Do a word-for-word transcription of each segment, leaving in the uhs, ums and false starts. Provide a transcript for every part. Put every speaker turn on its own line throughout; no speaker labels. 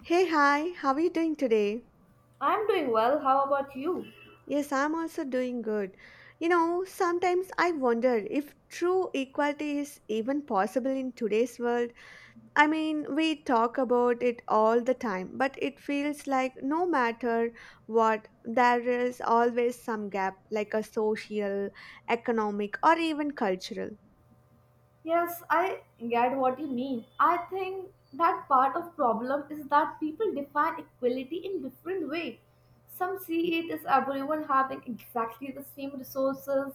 Hey, hi, how are you doing today?
I'm doing well. How about you?
Yes, I'm also doing good. You know, sometimes I wonder if true equality is even possible in today's world. I mean, we talk about it all the time, but it feels like no matter what, there is always some gap, like a social, economic, or even cultural.
Yes, I get what you mean. I think that part of problem is that people define equality in different way. Some see it as everyone having exactly the same resources,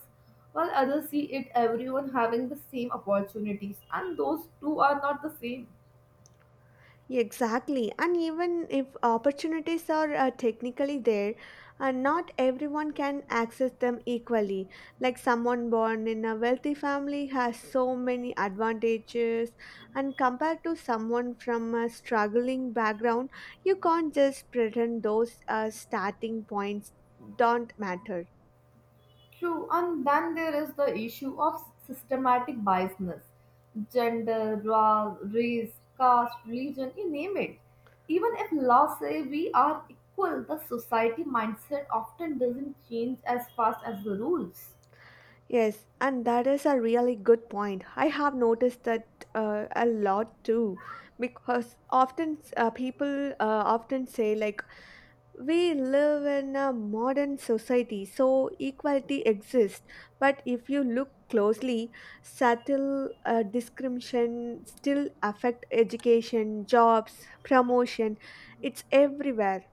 while others see it everyone having the same opportunities, and those two are not the same.
Exactly. And even if opportunities are uh, technically there, uh, not everyone can access them equally. Like someone born in a wealthy family has so many advantages, and compared to someone from a struggling background, you can't just pretend those uh, starting points don't matter.
True, and then there is the issue of systematic biasness gender, ra- race, caste, religion, you name it. Even if laws say we are equal, the society mindset often doesn't change as fast as the rules.
Yes, and that is a really good point. I have noticed that uh, a lot too, because often uh, people uh, often say like we live in a modern society, so equality exists. But if you look closely, subtle uh, discrimination still affect education, jobs, promotion. It's everywhere.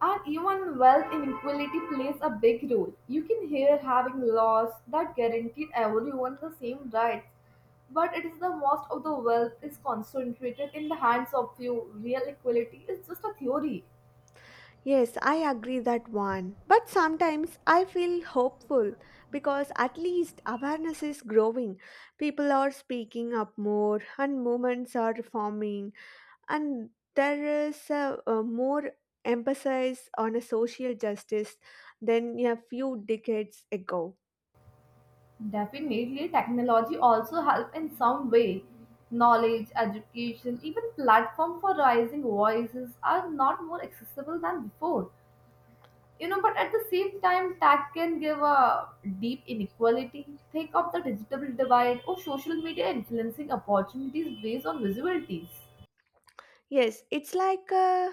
And even wealth inequality plays a big role. You can hear having laws that guaranteed everyone the same rights, but it is the most of the wealth is concentrated in the hands of few. Real equality is just a theory.
Yes, I agree that one. But sometimes I feel hopeful because at least awareness is growing. People are speaking up more and movements are forming and there is a, a more emphasis on a social justice than a few decades ago.
Definitely, technology also help in some way. Knowledge, education, even platform for rising voices are not more accessible than before. You know, but at the same time, tech can give a deep inequality. Think of the digital divide or social media influencing opportunities based on visibilities.
Yes, it's like a.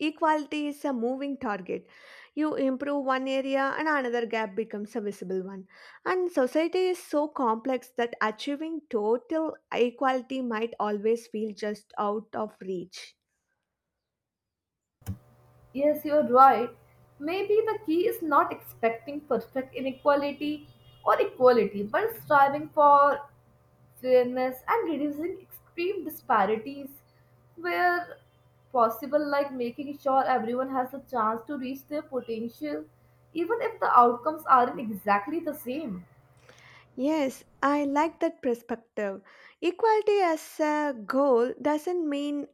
Equality is a moving target. You improve one area and another gap becomes a visible one. And society is so complex that achieving total equality might always feel just out of reach.
Yes, you're right. Maybe the key is not expecting perfect inequality or equality, but striving for fairness, and reducing extreme disparities where possible, like making sure everyone has a chance to reach their potential, even if the outcomes aren't exactly the same.
Yes, I like that perspective. Equality as a goal doesn't mean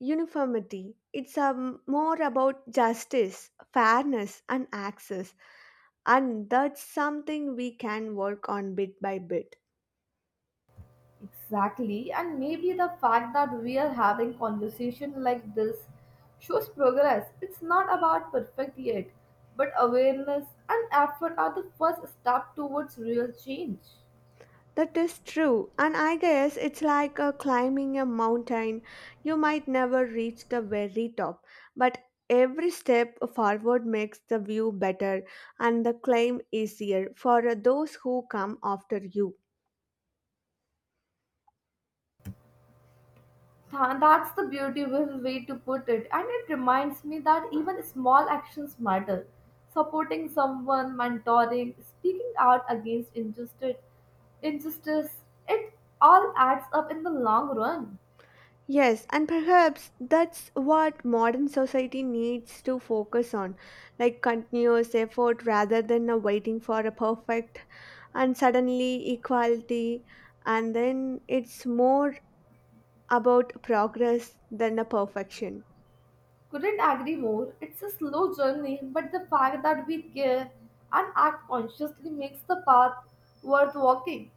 uniformity. It's um, more about justice, fairness, and access. And that's something we can work on bit by bit.
Exactly, and maybe the fact that we are having conversation like this shows progress. It's not about perfect yet, but awareness and effort are the first step towards real change.
That is true, and I guess it's like uh, climbing a mountain. You might never reach the very top, but every step forward makes the view better and the climb easier for uh, those who come after you.
Tha- That's the beautiful way to put it, and it reminds me that even small actions matter. Supporting someone, mentoring, speaking out against injustice, injustice, it all adds up in the long run.
Yes, and perhaps that's what modern society needs to focus on, like continuous effort rather than uh, waiting for a perfect and suddenly equality, and then it's more about progress than a perfection.
Couldn't agree more. It's a slow journey, but the fact that we care and act consciously makes the path worth walking.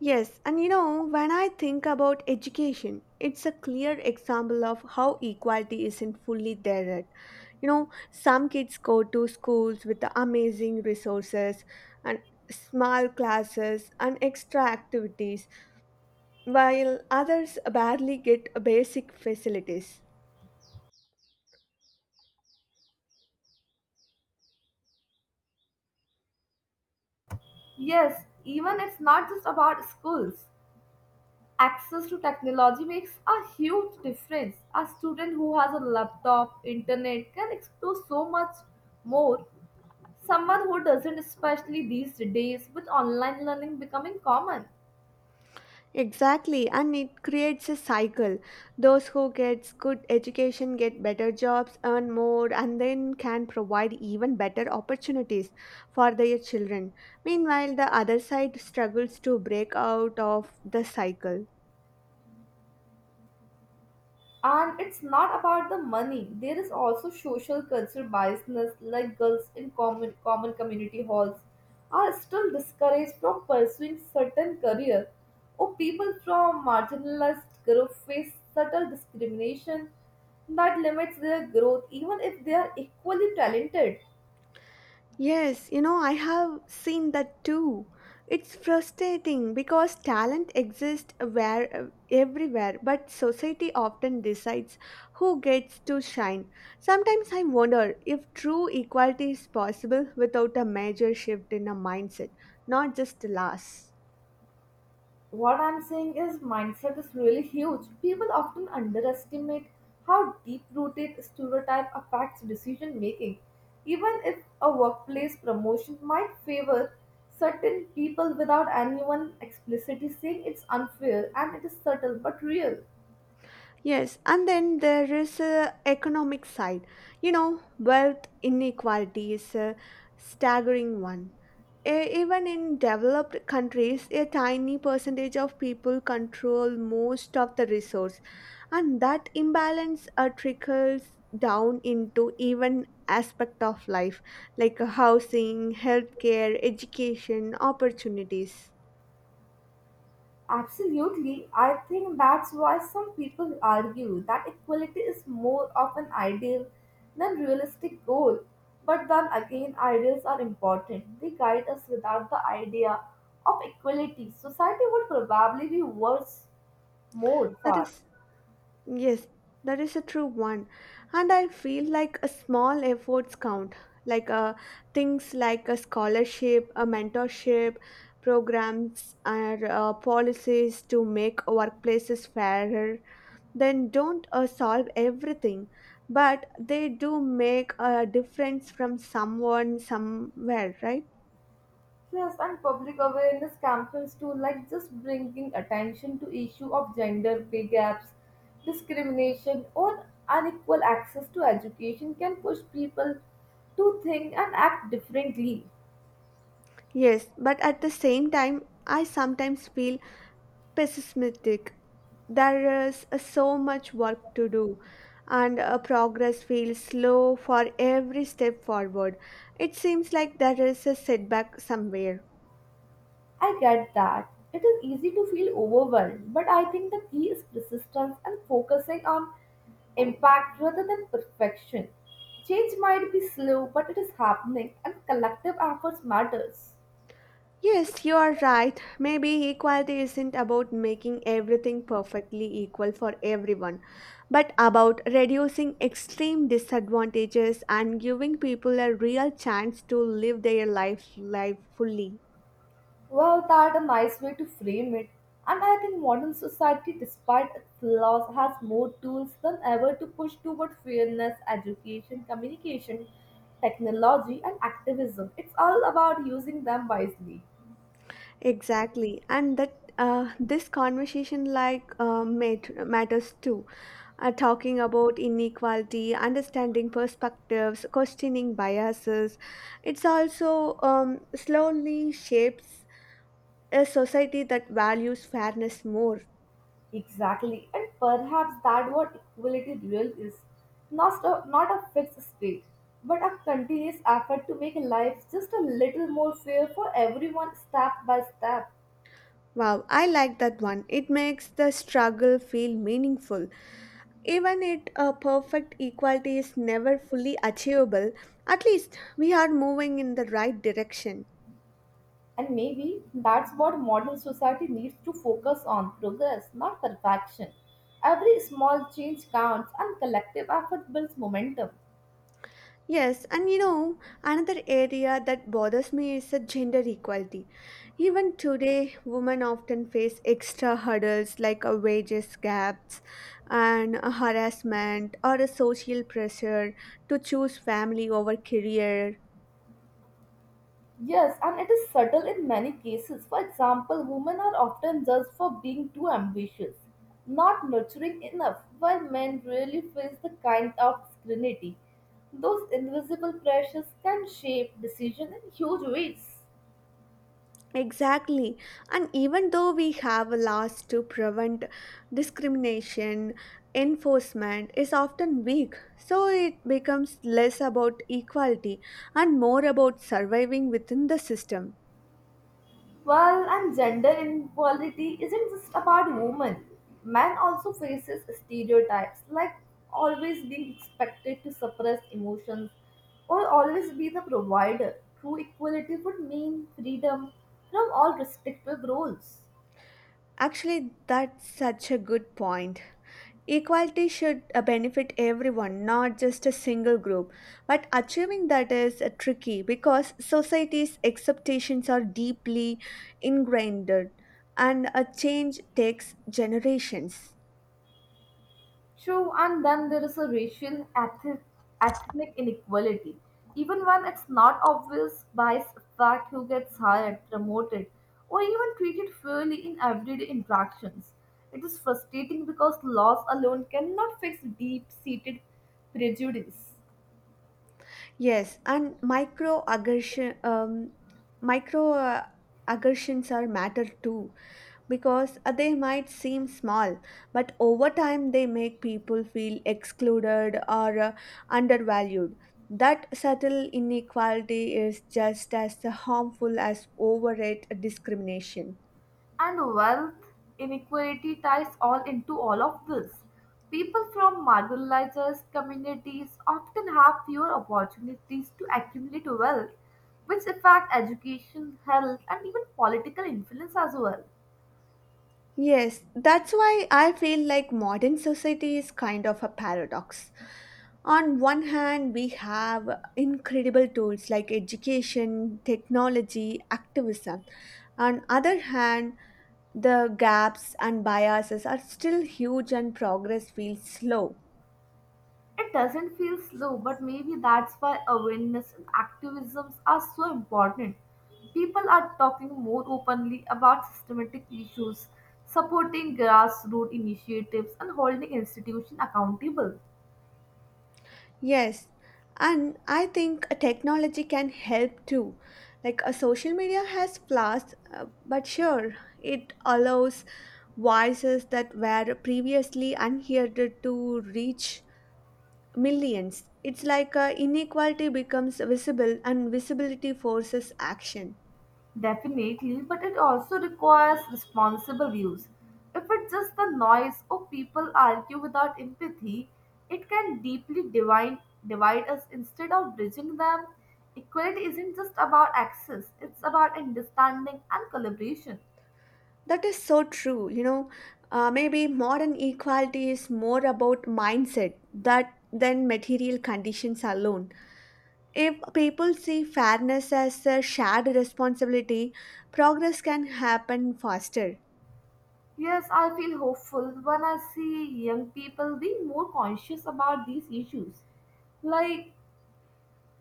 Yes, and you know, when I think about education, it's a clear example of how equality isn't fully there yet. You know, some kids go to schools with the amazing resources and small classes and extra activities, while others barely get basic facilities.
Yes, even it's not just about schools. Access to technology makes a huge difference. A student who has a laptop, internet can explore so much more. Someone who doesn't, especially these days with online learning becoming common.
Exactly, and it creates a cycle. Those who get good education get better jobs, earn more, and then can provide even better opportunities for their children. Meanwhile, the other side struggles to break out of the cycle.
And it's not about the money. There is also social cultural biasness, like girls in common, common community halls are still discouraged from pursuing certain career, or people from marginalized groups face subtle discrimination that limits their growth, even if they are equally talented.
Yes, you know, I have seen that too. It's frustrating because talent exists where everywhere, but society often decides who gets to shine. Sometimes I wonder if true equality is possible without a major shift in a mindset, not just laws.
What I'm saying is mindset is really huge. People often underestimate how deep-rooted stereotype affects decision making. Even if a workplace promotion might favor certain people without anyone explicitly saying it's unfair and it is subtle but real.
Yes, and then there is a economic side. You know, wealth inequality is a staggering one. E- Even in developed countries, a tiny percentage of people control most of the resource, and that imbalance uh, trickles down into even aspect of life like uh, housing, healthcare, education, opportunities.
Absolutely. I think that's why some people argue that equality is more of an ideal than realistic goal. But then again, ideals are important. They guide us without the idea of equality. Society would probably be worse more
That
far.
is. Yes, that is a true one. And I feel like a small efforts count, like uh, things like a scholarship, a mentorship, programs, or uh, policies to make workplaces fairer. Then don't uh, solve everything, but they do make a difference from someone somewhere, right?
Yes, and public awareness campaigns too, like just bringing attention to issue of gender pay gaps, discrimination, or unequal access to education can push people to think and act differently.
Yes, but at the same time, I sometimes feel pessimistic. There is uh, so much work to do, and uh, progress feels slow for every step forward. It seems like there is a setback somewhere.
I get that. It is easy to feel overwhelmed, but I think the key is persistence and focusing on impact rather than perfection. Change might be slow, but it is happening, and collective efforts matters.
Yes, you are right. Maybe equality isn't about making everything perfectly equal for everyone, but about reducing extreme disadvantages and giving people a real chance to live their life, life fully.
Well, that's a nice way to frame it. And I think modern society, despite its flaws, has more tools than ever to push toward fairness, education, communication, technology, and activism. It's all about using them wisely.
Exactly, and that uh, this conversation like uh, mat- matters too. Uh, talking about inequality, understanding perspectives, questioning biases, it's also um, slowly shapes a society that values fairness more.
Exactly, and perhaps that what equality real is. Not a, not a fixed state, but a continuous effort to make life just a little more fair for everyone step by step.
Wow, I like that one. It makes the struggle feel meaningful. Even if a perfect equality is never fully achievable, at least we are moving in the right direction.
And maybe that's what modern society needs to focus on progress, not perfection. Every small change counts, and collective effort builds momentum.
Yes, and you know, another area that bothers me is the gender equality. Even today, women often face extra hurdles like a wages gaps and a harassment or a social pressure to choose family over career.
Yes, and it is subtle in many cases. For example, women are often judged for being too ambitious, not nurturing enough, while men really face the kind of scrutiny. Those invisible pressures can shape decisions in huge ways.
Exactly. And even though we have laws to prevent discrimination, enforcement is often weak. So it becomes less about equality and more about surviving within the system.
Well, and gender inequality isn't just about women. Men also faces stereotypes like always being expected to suppress emotions or always be the provider. True equality would mean freedom from all restrictive roles.
Actually, that's such a good point. Equality should uh, benefit everyone, not just a single group. But achieving that is uh, tricky because society's expectations are deeply ingrained and a change takes generations.
True, and then there is a racial eth- ethnic inequality. Even when it's not obvious, bias affect who gets hired, promoted, or even treated fairly in everyday interactions. It is frustrating because laws alone cannot fix deep-seated prejudice.
Yes, and micro aggression um, micro uh, aggressions are matter too, because uh, they might seem small, but over time they make people feel excluded or uh, undervalued. That subtle inequality is just as harmful as overrate discrimination.
And wealth inequality ties all into all of this. People from marginalized communities often have fewer opportunities to accumulate wealth, which affect education, health, and even political influence as well.
Yes, that's why I feel like modern society is kind of a paradox. On one hand, we have incredible tools like education, technology, activism. On other hand, the gaps and biases are still huge, and progress feels slow.
It doesn't feel slow, but maybe that's why awareness and activisms are so important. People are talking more openly about systematic issues, supporting grassroots initiatives, and holding institutions accountable.
Yes, and I think a technology can help too. Like a social media has flaws, uh, but sure, it allows voices that were previously unheard to reach millions. It's like uh, inequality becomes visible, and visibility forces action.
Definitely, but it also requires responsible use. If it's just the noise or people argue without empathy, it can deeply divide, divide us instead of bridging them. Equality isn't just about access, it's about understanding and collaboration.
That is so true. You know, uh, maybe modern equality is more about mindset that than material conditions alone. If people see fairness as a shared responsibility, progress can happen faster.
Yes, I feel hopeful when I see young people being more conscious about these issues. Like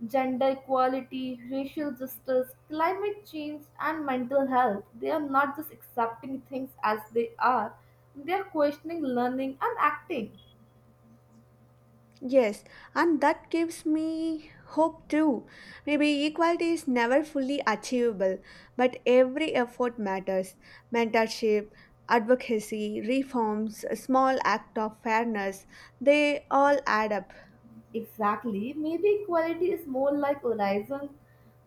gender equality, racial justice, climate change, and mental health. They are not just accepting things as they are, they are questioning, learning, and acting.
Yes, and that gives me hope too. Maybe equality is never fully achievable, but every effort matters. Mentorship, advocacy, reforms, a small act of fairness, they all add up.
Exactly. Maybe equality is more like horizon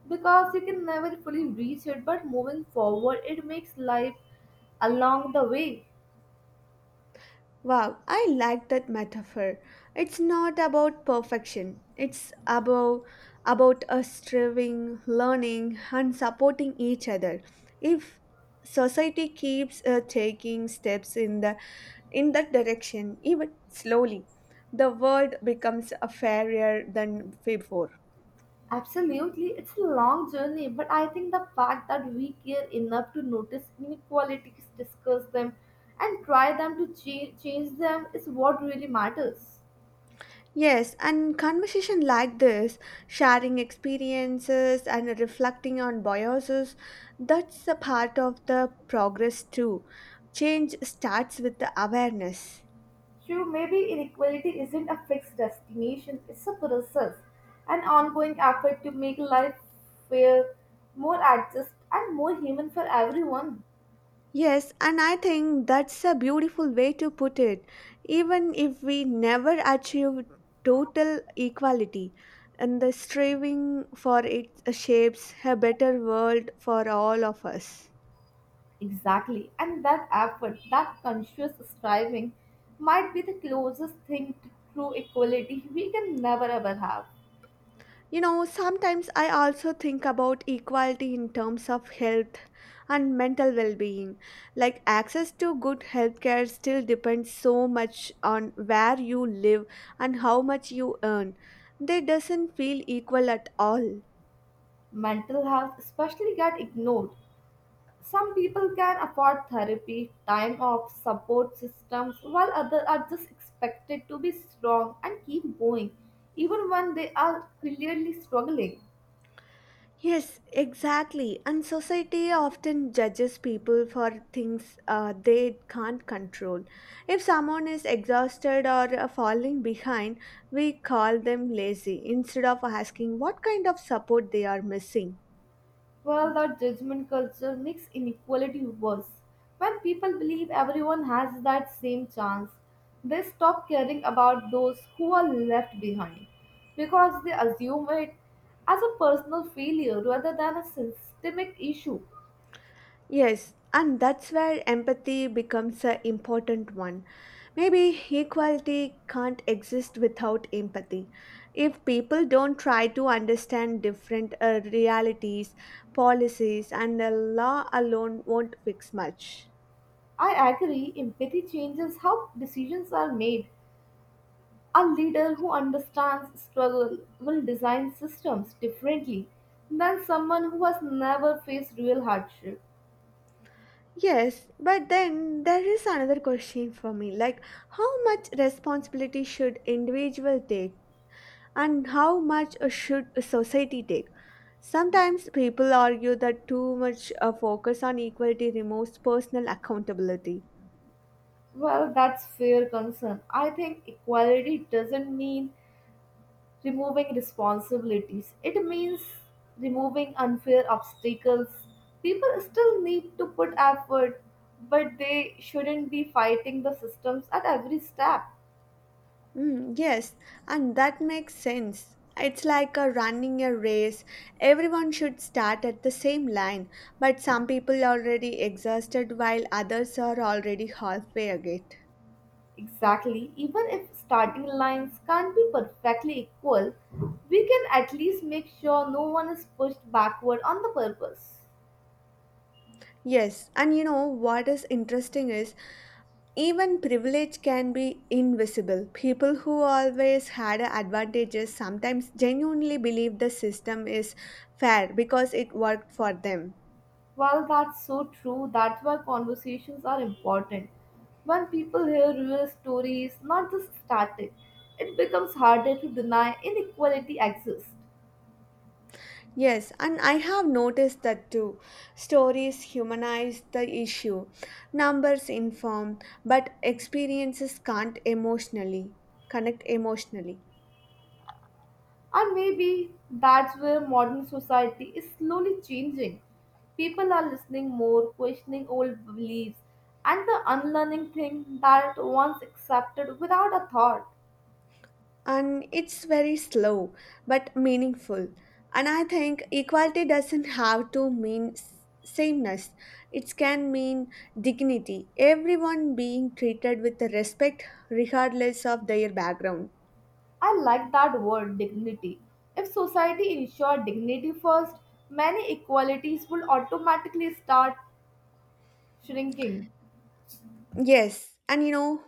because you can never fully reach it, but moving forward, it makes life along the way.
Wow, I like that metaphor. It's not about perfection. It's about about us striving, learning, and supporting each other. If society keeps uh, taking steps in the in that direction, even slowly, the world becomes a fairer than before.
Absolutely, it's a long journey, but I think the fact that we care enough to notice inequalities, discuss them, and try them to change, change them is what really matters.
Yes, and conversation like this, sharing experiences and reflecting on biases, that's a part of the progress too. Change starts with the awareness.
True, maybe inequality isn't a fixed destination, it's a process, an ongoing effort to make life fair, more just, and more human for everyone.
Yes, and I think that's a beautiful way to put it. Even if we never achieve total equality, and the striving for it shapes a better world for all of us.
Exactly. And that effort, that conscious striving, might be the closest thing to true equality we can never ever have.
You know, sometimes I also think about equality in terms of health and mental well being. Like, access to good healthcare still depends so much on where you live and how much you earn. They doesn't feel equal at all.
Mental health, especially, get ignored. Some people can afford therapy, time off, support systems, while others are just expected to be strong and keep going, even when they are clearly struggling.
Yes, exactly. And society often judges people for things uh, they can't control. If someone is exhausted or uh, falling behind, we call them lazy instead of asking what kind of support they are missing.
Well, that judgment culture makes inequality worse. When people believe everyone has that same chance, they stop caring about those who are left behind because they assume it as a personal failure rather than a systemic issue.
Yes, and that's where empathy becomes an important one. Maybe equality can't exist without empathy. If people don't try to understand different uh, realities, policies, and the law alone won't fix much.
I agree, empathy changes how decisions are made. A leader who understands struggle will design systems differently than someone who has never faced real hardship.
Yes, but then there is another question for me, like how much responsibility should individual take? And how much uh, should a society take? Sometimes people argue that too much uh, focus on equality removes personal accountability.
Well, that's fair concern. I think equality doesn't mean removing responsibilities. It means removing unfair obstacles. People still need to put effort, but they shouldn't be fighting the systems at every step.
Mm, yes, and that makes sense. It's like a running a race. Everyone should start at the same line, but some people are already exhausted while others are already halfway again.
Exactly. Even if starting lines can't be perfectly equal, we can at least make sure no one is pushed backward on the purpose.
Yes, and you know what is interesting is even privilege can be invisible. People who always had advantages sometimes genuinely believe the system is fair because it worked for them.
Well, that's so true. That's why conversations are important. When people hear real stories, not just static, it becomes harder to deny inequality exists.
Yes, and I have noticed that too. Stories humanize the issue, numbers inform, but experiences can't emotionally connect emotionally.
And maybe that's where modern society is slowly changing. People are listening more, questioning old beliefs, and the unlearning thing that once accepted without a thought.
And it's very slow but meaningful, and I think equality doesn't have to mean s- sameness. It can mean dignity, everyone being treated with respect regardless of their background.
I like that word, dignity. If society ensured dignity first, many equalities would automatically start shrinking.
Yes, and you know,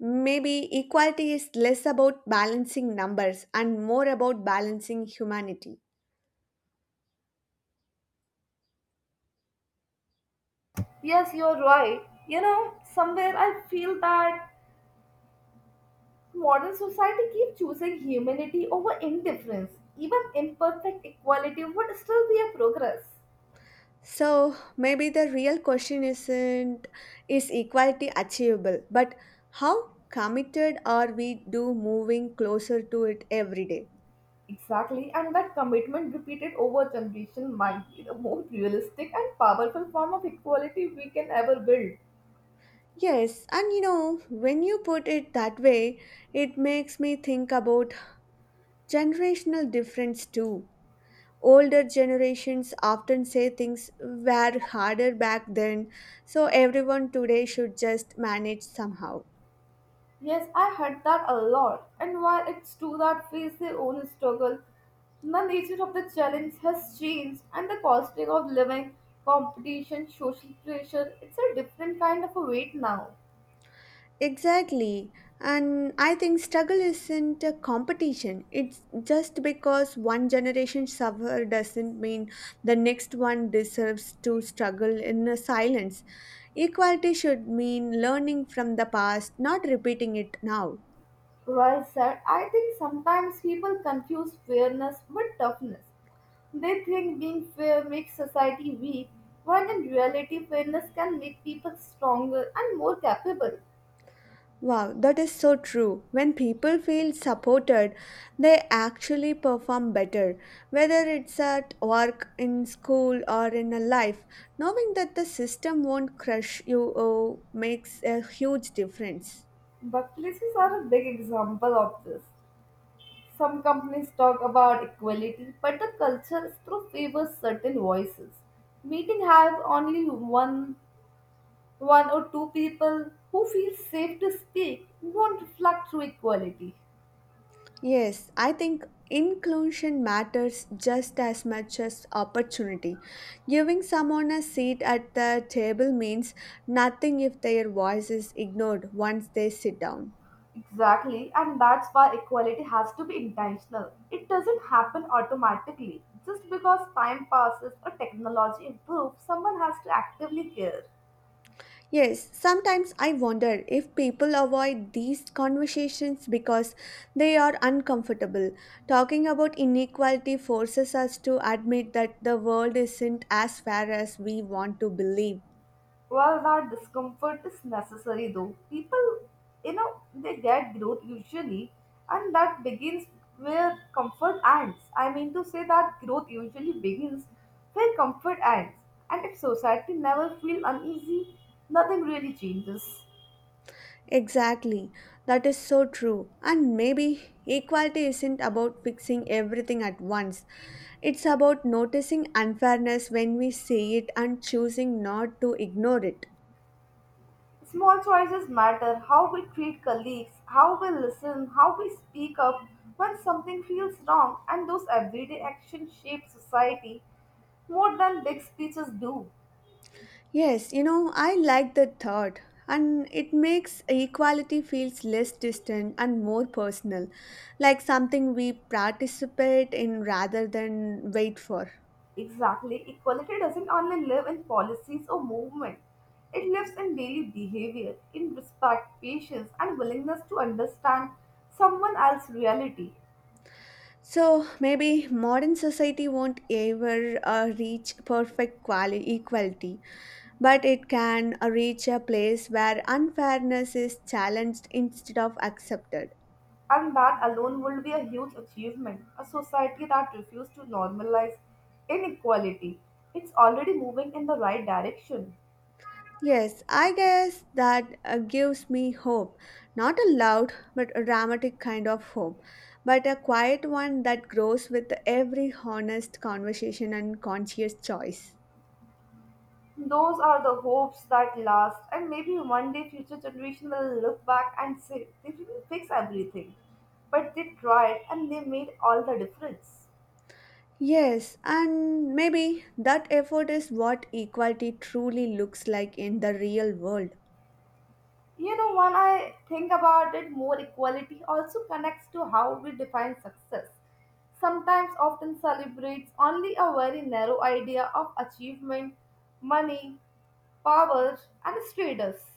maybe equality is less about balancing numbers and more about balancing humanity.
Yes, you're right. You know, somewhere I feel that modern society keeps choosing humanity over indifference. Even imperfect equality would still be a progress.
So maybe the real question isn't is equality achievable, but how committed are we to moving closer to it every day?
Exactly, and that commitment repeated over generation might be the most realistic and powerful form of equality we can ever build.
Yes, and you know, when you put it that way, it makes me think about generational difference too. Older generations often say things were harder back then, so everyone today should just manage somehow.
Yes, I heard that a lot, and while it's true that face their own struggle, the nature of the challenge has changed, and the costing of living, competition, social pressure, it's a different kind of a weight now.
Exactly. And I think struggle isn't a competition. It's just because one generation suffer doesn't mean the next one deserves to struggle in a silence. Equality should mean learning from the past, not repeating it now.
Well said, I think sometimes people confuse fairness with toughness. They think being fair makes society weak, when in reality, fairness can make people stronger and more capable.
Wow, that is so true. When people feel supported, they actually perform better, whether it's at work, in school, or in a life. Knowing that the system won't crush you oh, makes a huge difference.
But are a big example of this. Some companies talk about equality, but the culture still favors certain voices. Meeting have only one, one or two people who feel safe to speak won't reflect through equality.
Yes, I think inclusion matters just as much as opportunity. Giving someone a seat at the table means nothing if their voice is ignored once they sit down.
Exactly, and that's why equality has to be intentional. It doesn't happen automatically. Just because time passes or technology improves, someone has to actively care.
Yes, sometimes I wonder if people avoid these conversations because they are uncomfortable. Talking about inequality forces us to admit that the world isn't as fair as we want to believe.
Well, that discomfort is necessary though. People, you know, they get growth usually, and that begins where comfort ends. I mean to say that growth usually begins where comfort ends. And if society never feels uneasy, nothing really changes.
Exactly, that is so true. And maybe equality isn't about fixing everything at once, it's about noticing unfairness when we see it and choosing not to ignore it.
Small choices matter how we treat colleagues, how we listen, how we speak up when something feels wrong, and those everyday actions shape society more than big speeches do.
Yes, you know, I like that thought, and it makes equality feels less distant and more personal, like something we participate in rather than wait for.
Exactly, equality doesn't only live in policies or movement. It lives in daily behavior, in respect, patience, and willingness to understand someone else's reality.
So maybe modern society won't ever uh, reach perfect quali- equality, but it can uh, reach a place where unfairness is challenged instead of accepted.
And that alone would be a huge achievement. A society that refuses to normalize inequality. It's already moving in the right direction.
Yes, I guess that uh, gives me hope. Not a loud but a dramatic kind of hope, but a quiet one that grows with every honest conversation and conscious choice.
Those are the hopes that last, and maybe one day future generation will look back and say they didn't fix everything, but they tried and they made all the difference.
Yes, and maybe that effort is what equality truly looks like in the real world.
You know, when I think about it, more equality also connects to how we define success. Sometimes, often celebrates only a very narrow idea of achievement, money, power, and status.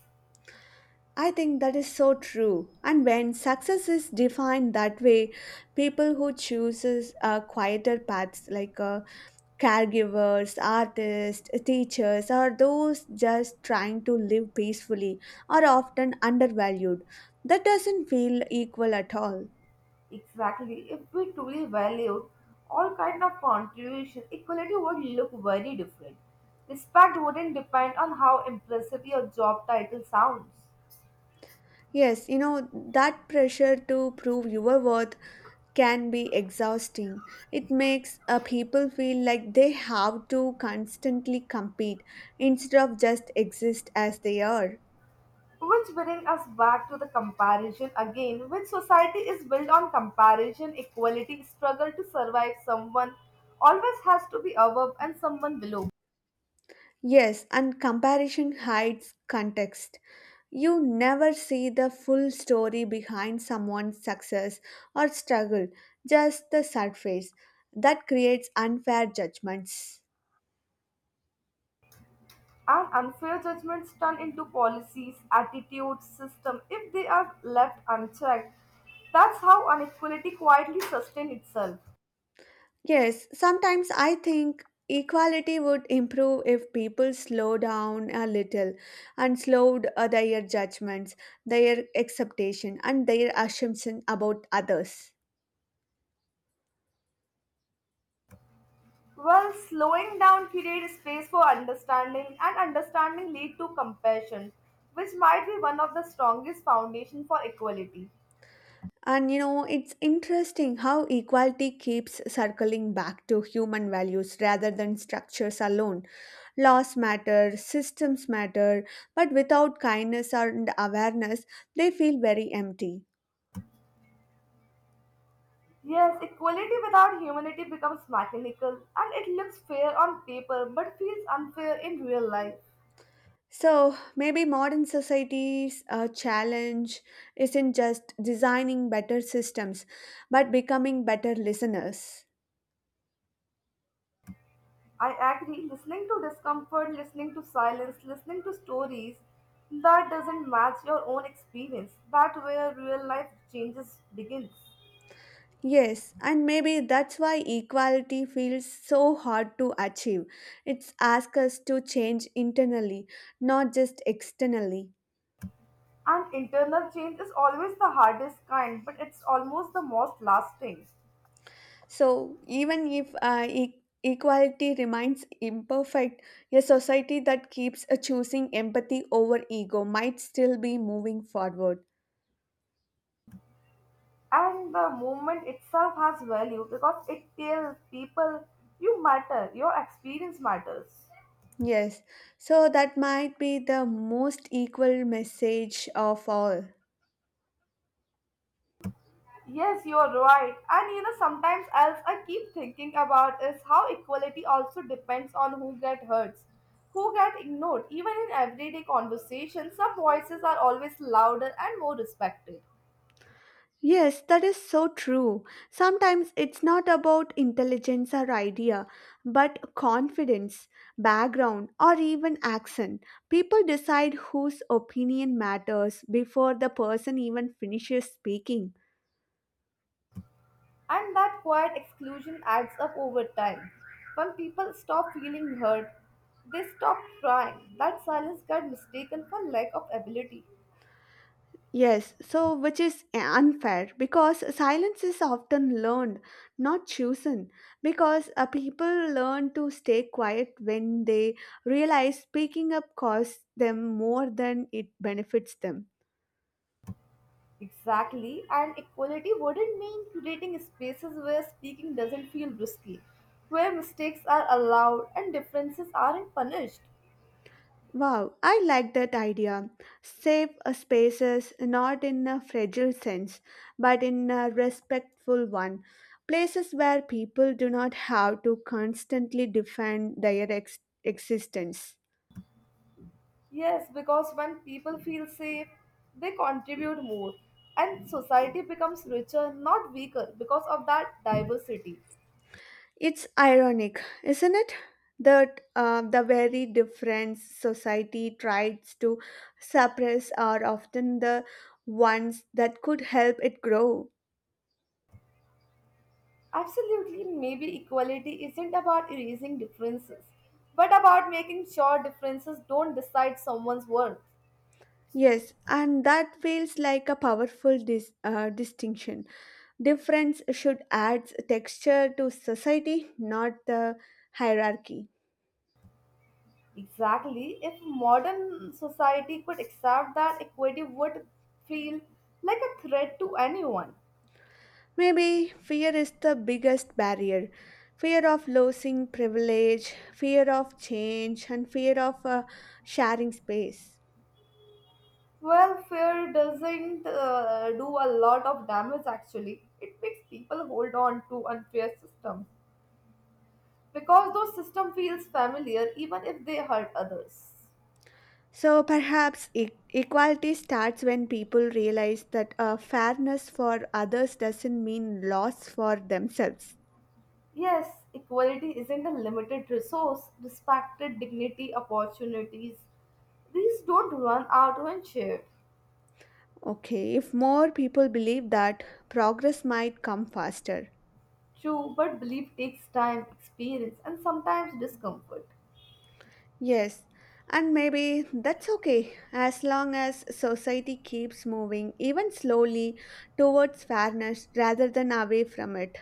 I think that is so true. And when success is defined that way, people who chooses uh, quieter paths like uh, caregivers, artists, teachers, or those just trying to live peacefully are often undervalued. That doesn't feel equal at all.
Exactly. If we truly valued all kind of contribution, equality would look very different. Respect wouldn't depend on how impressive your job title sounds.
Yes, you know, that pressure to prove your worth can be exhausting. It makes uh, people feel like they have to constantly compete instead of just exist as they are.
Which brings us back to the comparison again, which society is built on comparison, equality, struggle to survive. Someone always has to be above and someone below.
Yes, and comparison hides context. You never see the full story behind someone's success or struggle, just the surface. That creates unfair judgments.
And unfair judgments turn into policies, attitudes, system if they are left unchecked. That's how inequality quietly sustains itself.
Yes, sometimes I think equality would improve if people slow down a little and slowed uh, their judgments, their acceptation, and their assumption about others.
Well, slowing down creates space for understanding, and understanding lead to compassion, which might be one of the strongest foundation for equality.
And you know, it's interesting how equality keeps circling back to human values rather than structures alone. Laws matter, systems matter, but without kindness and awareness, they feel very empty.
Yes, equality without humanity becomes mechanical, and it looks fair on paper but feels unfair in real life.
So maybe modern society's uh, challenge isn't just designing better systems, but becoming better listeners.
I agree. Listening to discomfort, listening to silence, listening to stories that doesn't match your own experience. That where real life changes begins.
Yes, and maybe that's why equality feels so hard to achieve. It's asks us to change internally, not just externally.
And internal change is always the hardest kind, but it's almost the most lasting.
So, even if uh, e- equality remains imperfect, a society that keeps uh, choosing empathy over ego might still be moving forward.
And the movement itself has value because it tells people you matter, your experience matters.
Yes, so that might be the most equal message of all.
Yes, you are right. And you know, sometimes else I keep thinking about is how equality also depends on who get hurt, who get ignored. Even in everyday conversation, some voices are always louder and more respected.
Yes, that is so true. Sometimes it's not about intelligence or idea, but confidence, background, or even accent. People decide whose opinion matters before the person even finishes speaking.
And that quiet exclusion adds up over time. When people stop feeling heard, they stop trying. That silence got mistaken for lack of ability.
Yes, so which is unfair because silence is often learned, not chosen. Because uh, people learn to stay quiet when they realize speaking up costs them more than it benefits them.
Exactly, and equality wouldn't mean creating spaces where speaking doesn't feel risky, where mistakes are allowed and differences aren't punished.
Wow, I like that idea. Safe uh, spaces, not in a fragile sense, but in a respectful one. Places where people do not have to constantly defend their ex- existence.
Yes, because when people feel safe, they contribute more, and society becomes richer, not weaker, because of that diversity.
It's ironic, isn't it? That uh, the very difference society tries to suppress are often the ones that could help it grow.
Absolutely, maybe equality isn't about erasing differences, but about making sure differences don't decide someone's worth.
Yes, and that feels like a powerful dis- uh, distinction. Difference should add texture to society, not the hierarchy.
Exactly. If modern society could accept that equity would feel like a threat to anyone.
Maybe fear is the biggest barrier fear of losing privilege, fear of change, and fear of uh, sharing space.
Well, fear doesn't uh, do a lot of damage actually. It makes people hold on to unfair systems because those system feels familiar even if they hurt others.
So perhaps e- equality starts when people realize that uh, fairness for others doesn't mean loss for themselves.
Yes, equality isn't a limited resource. Respected dignity, opportunities, these don't run out when shared.
Okay, if more people believe that, progress might come faster.
True, but belief takes time, experience, and sometimes discomfort.
Yes, and maybe that's okay as long as society keeps moving, even slowly, towards fairness rather than away from it.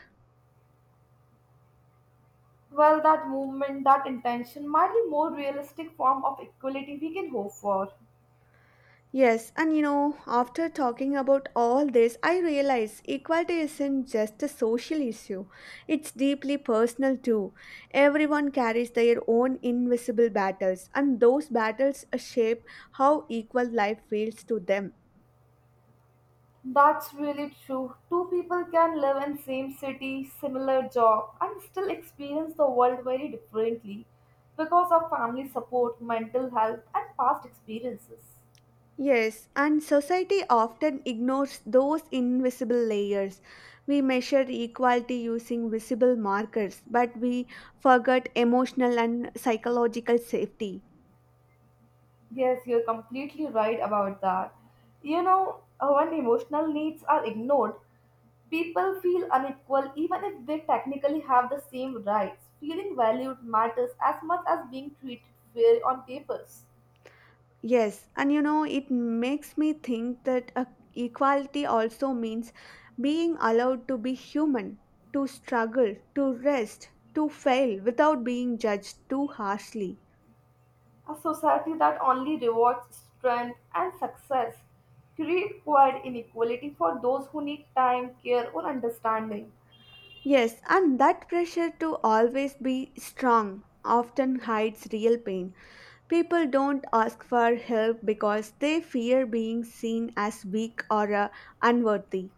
Well, that movement, that intention might be more realistic form of equality we can hope for.
Yes, and you know, after talking about all this, I realize equality isn't just a social issue, it's deeply personal too. Everyone carries their own invisible battles, and those battles shape how equal life feels to them.
That's really true. Two people can live in same city, similar job, and still experience the world very differently because of family support, mental health, and past experiences.
Yes, and society often ignores those invisible layers. We measure equality using visible markers, but we forget emotional and psychological safety.
Yes, you're completely right about that. You know, uh, when emotional needs are ignored, people feel unequal even if they technically have the same rights. Feeling valued matters as much as being treated fairly on papers.
Yes, and you know, it makes me think that uh, equality also means being allowed to be human, to struggle, to rest, to fail without being judged too harshly.
A society that only rewards strength and success creates quiet inequality for those who need time, care, or understanding,
Yes, and that pressure to always be strong often hides real pain. People don't ask for help because they fear being seen as weak or uh, unworthy.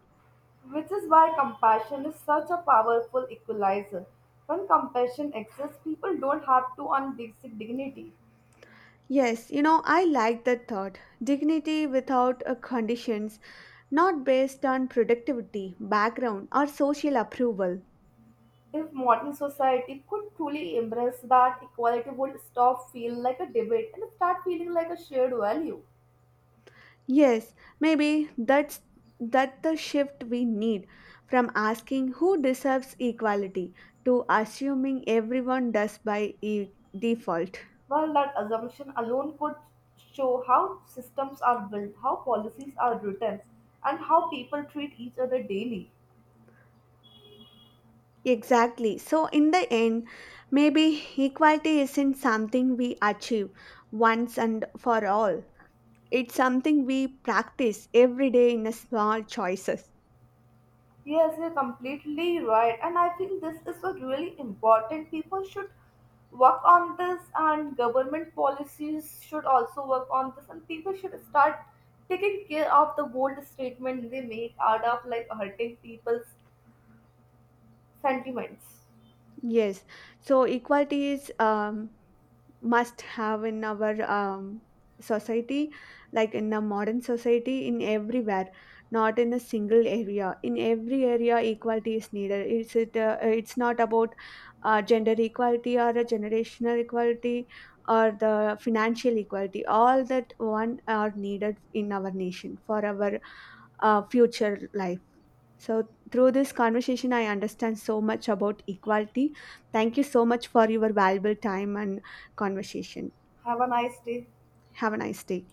which is why compassion is such a powerful equalizer. When compassion exists, people don't have to earn basic dignity.
Yes, you know, I like that thought. Dignity without uh, conditions, not based on productivity, background, or social approval.
If modern society could truly embrace that, equality would stop feel like a debate and start feeling like a shared value.
Yes, maybe that's that the shift we need from asking who deserves equality to assuming everyone does by e- default.
Well, that assumption alone could show how systems are built, how policies are written, and how people treat each other daily.
Exactly. So in the end, maybe equality isn't something we achieve once and for all. It's something we practice every day in a small choices.
Yes, you're completely right. And I think this is what really important. People should work on this and government policies should also work on this and people should start taking care of the bold statement they make out of like hurting people's sentiments.
Yes. So equality is um, must have in our um, society, like in a modern society, in everywhere, not in a single area, in every area equality is needed, it's it uh, it's not about uh, gender equality or a generational equality or the financial equality, all that one are needed in our nation for our uh, future life. So through this conversation I understand so much about equality. Thank you so much for your valuable time and conversation.
Have a nice day.
Have a nice day.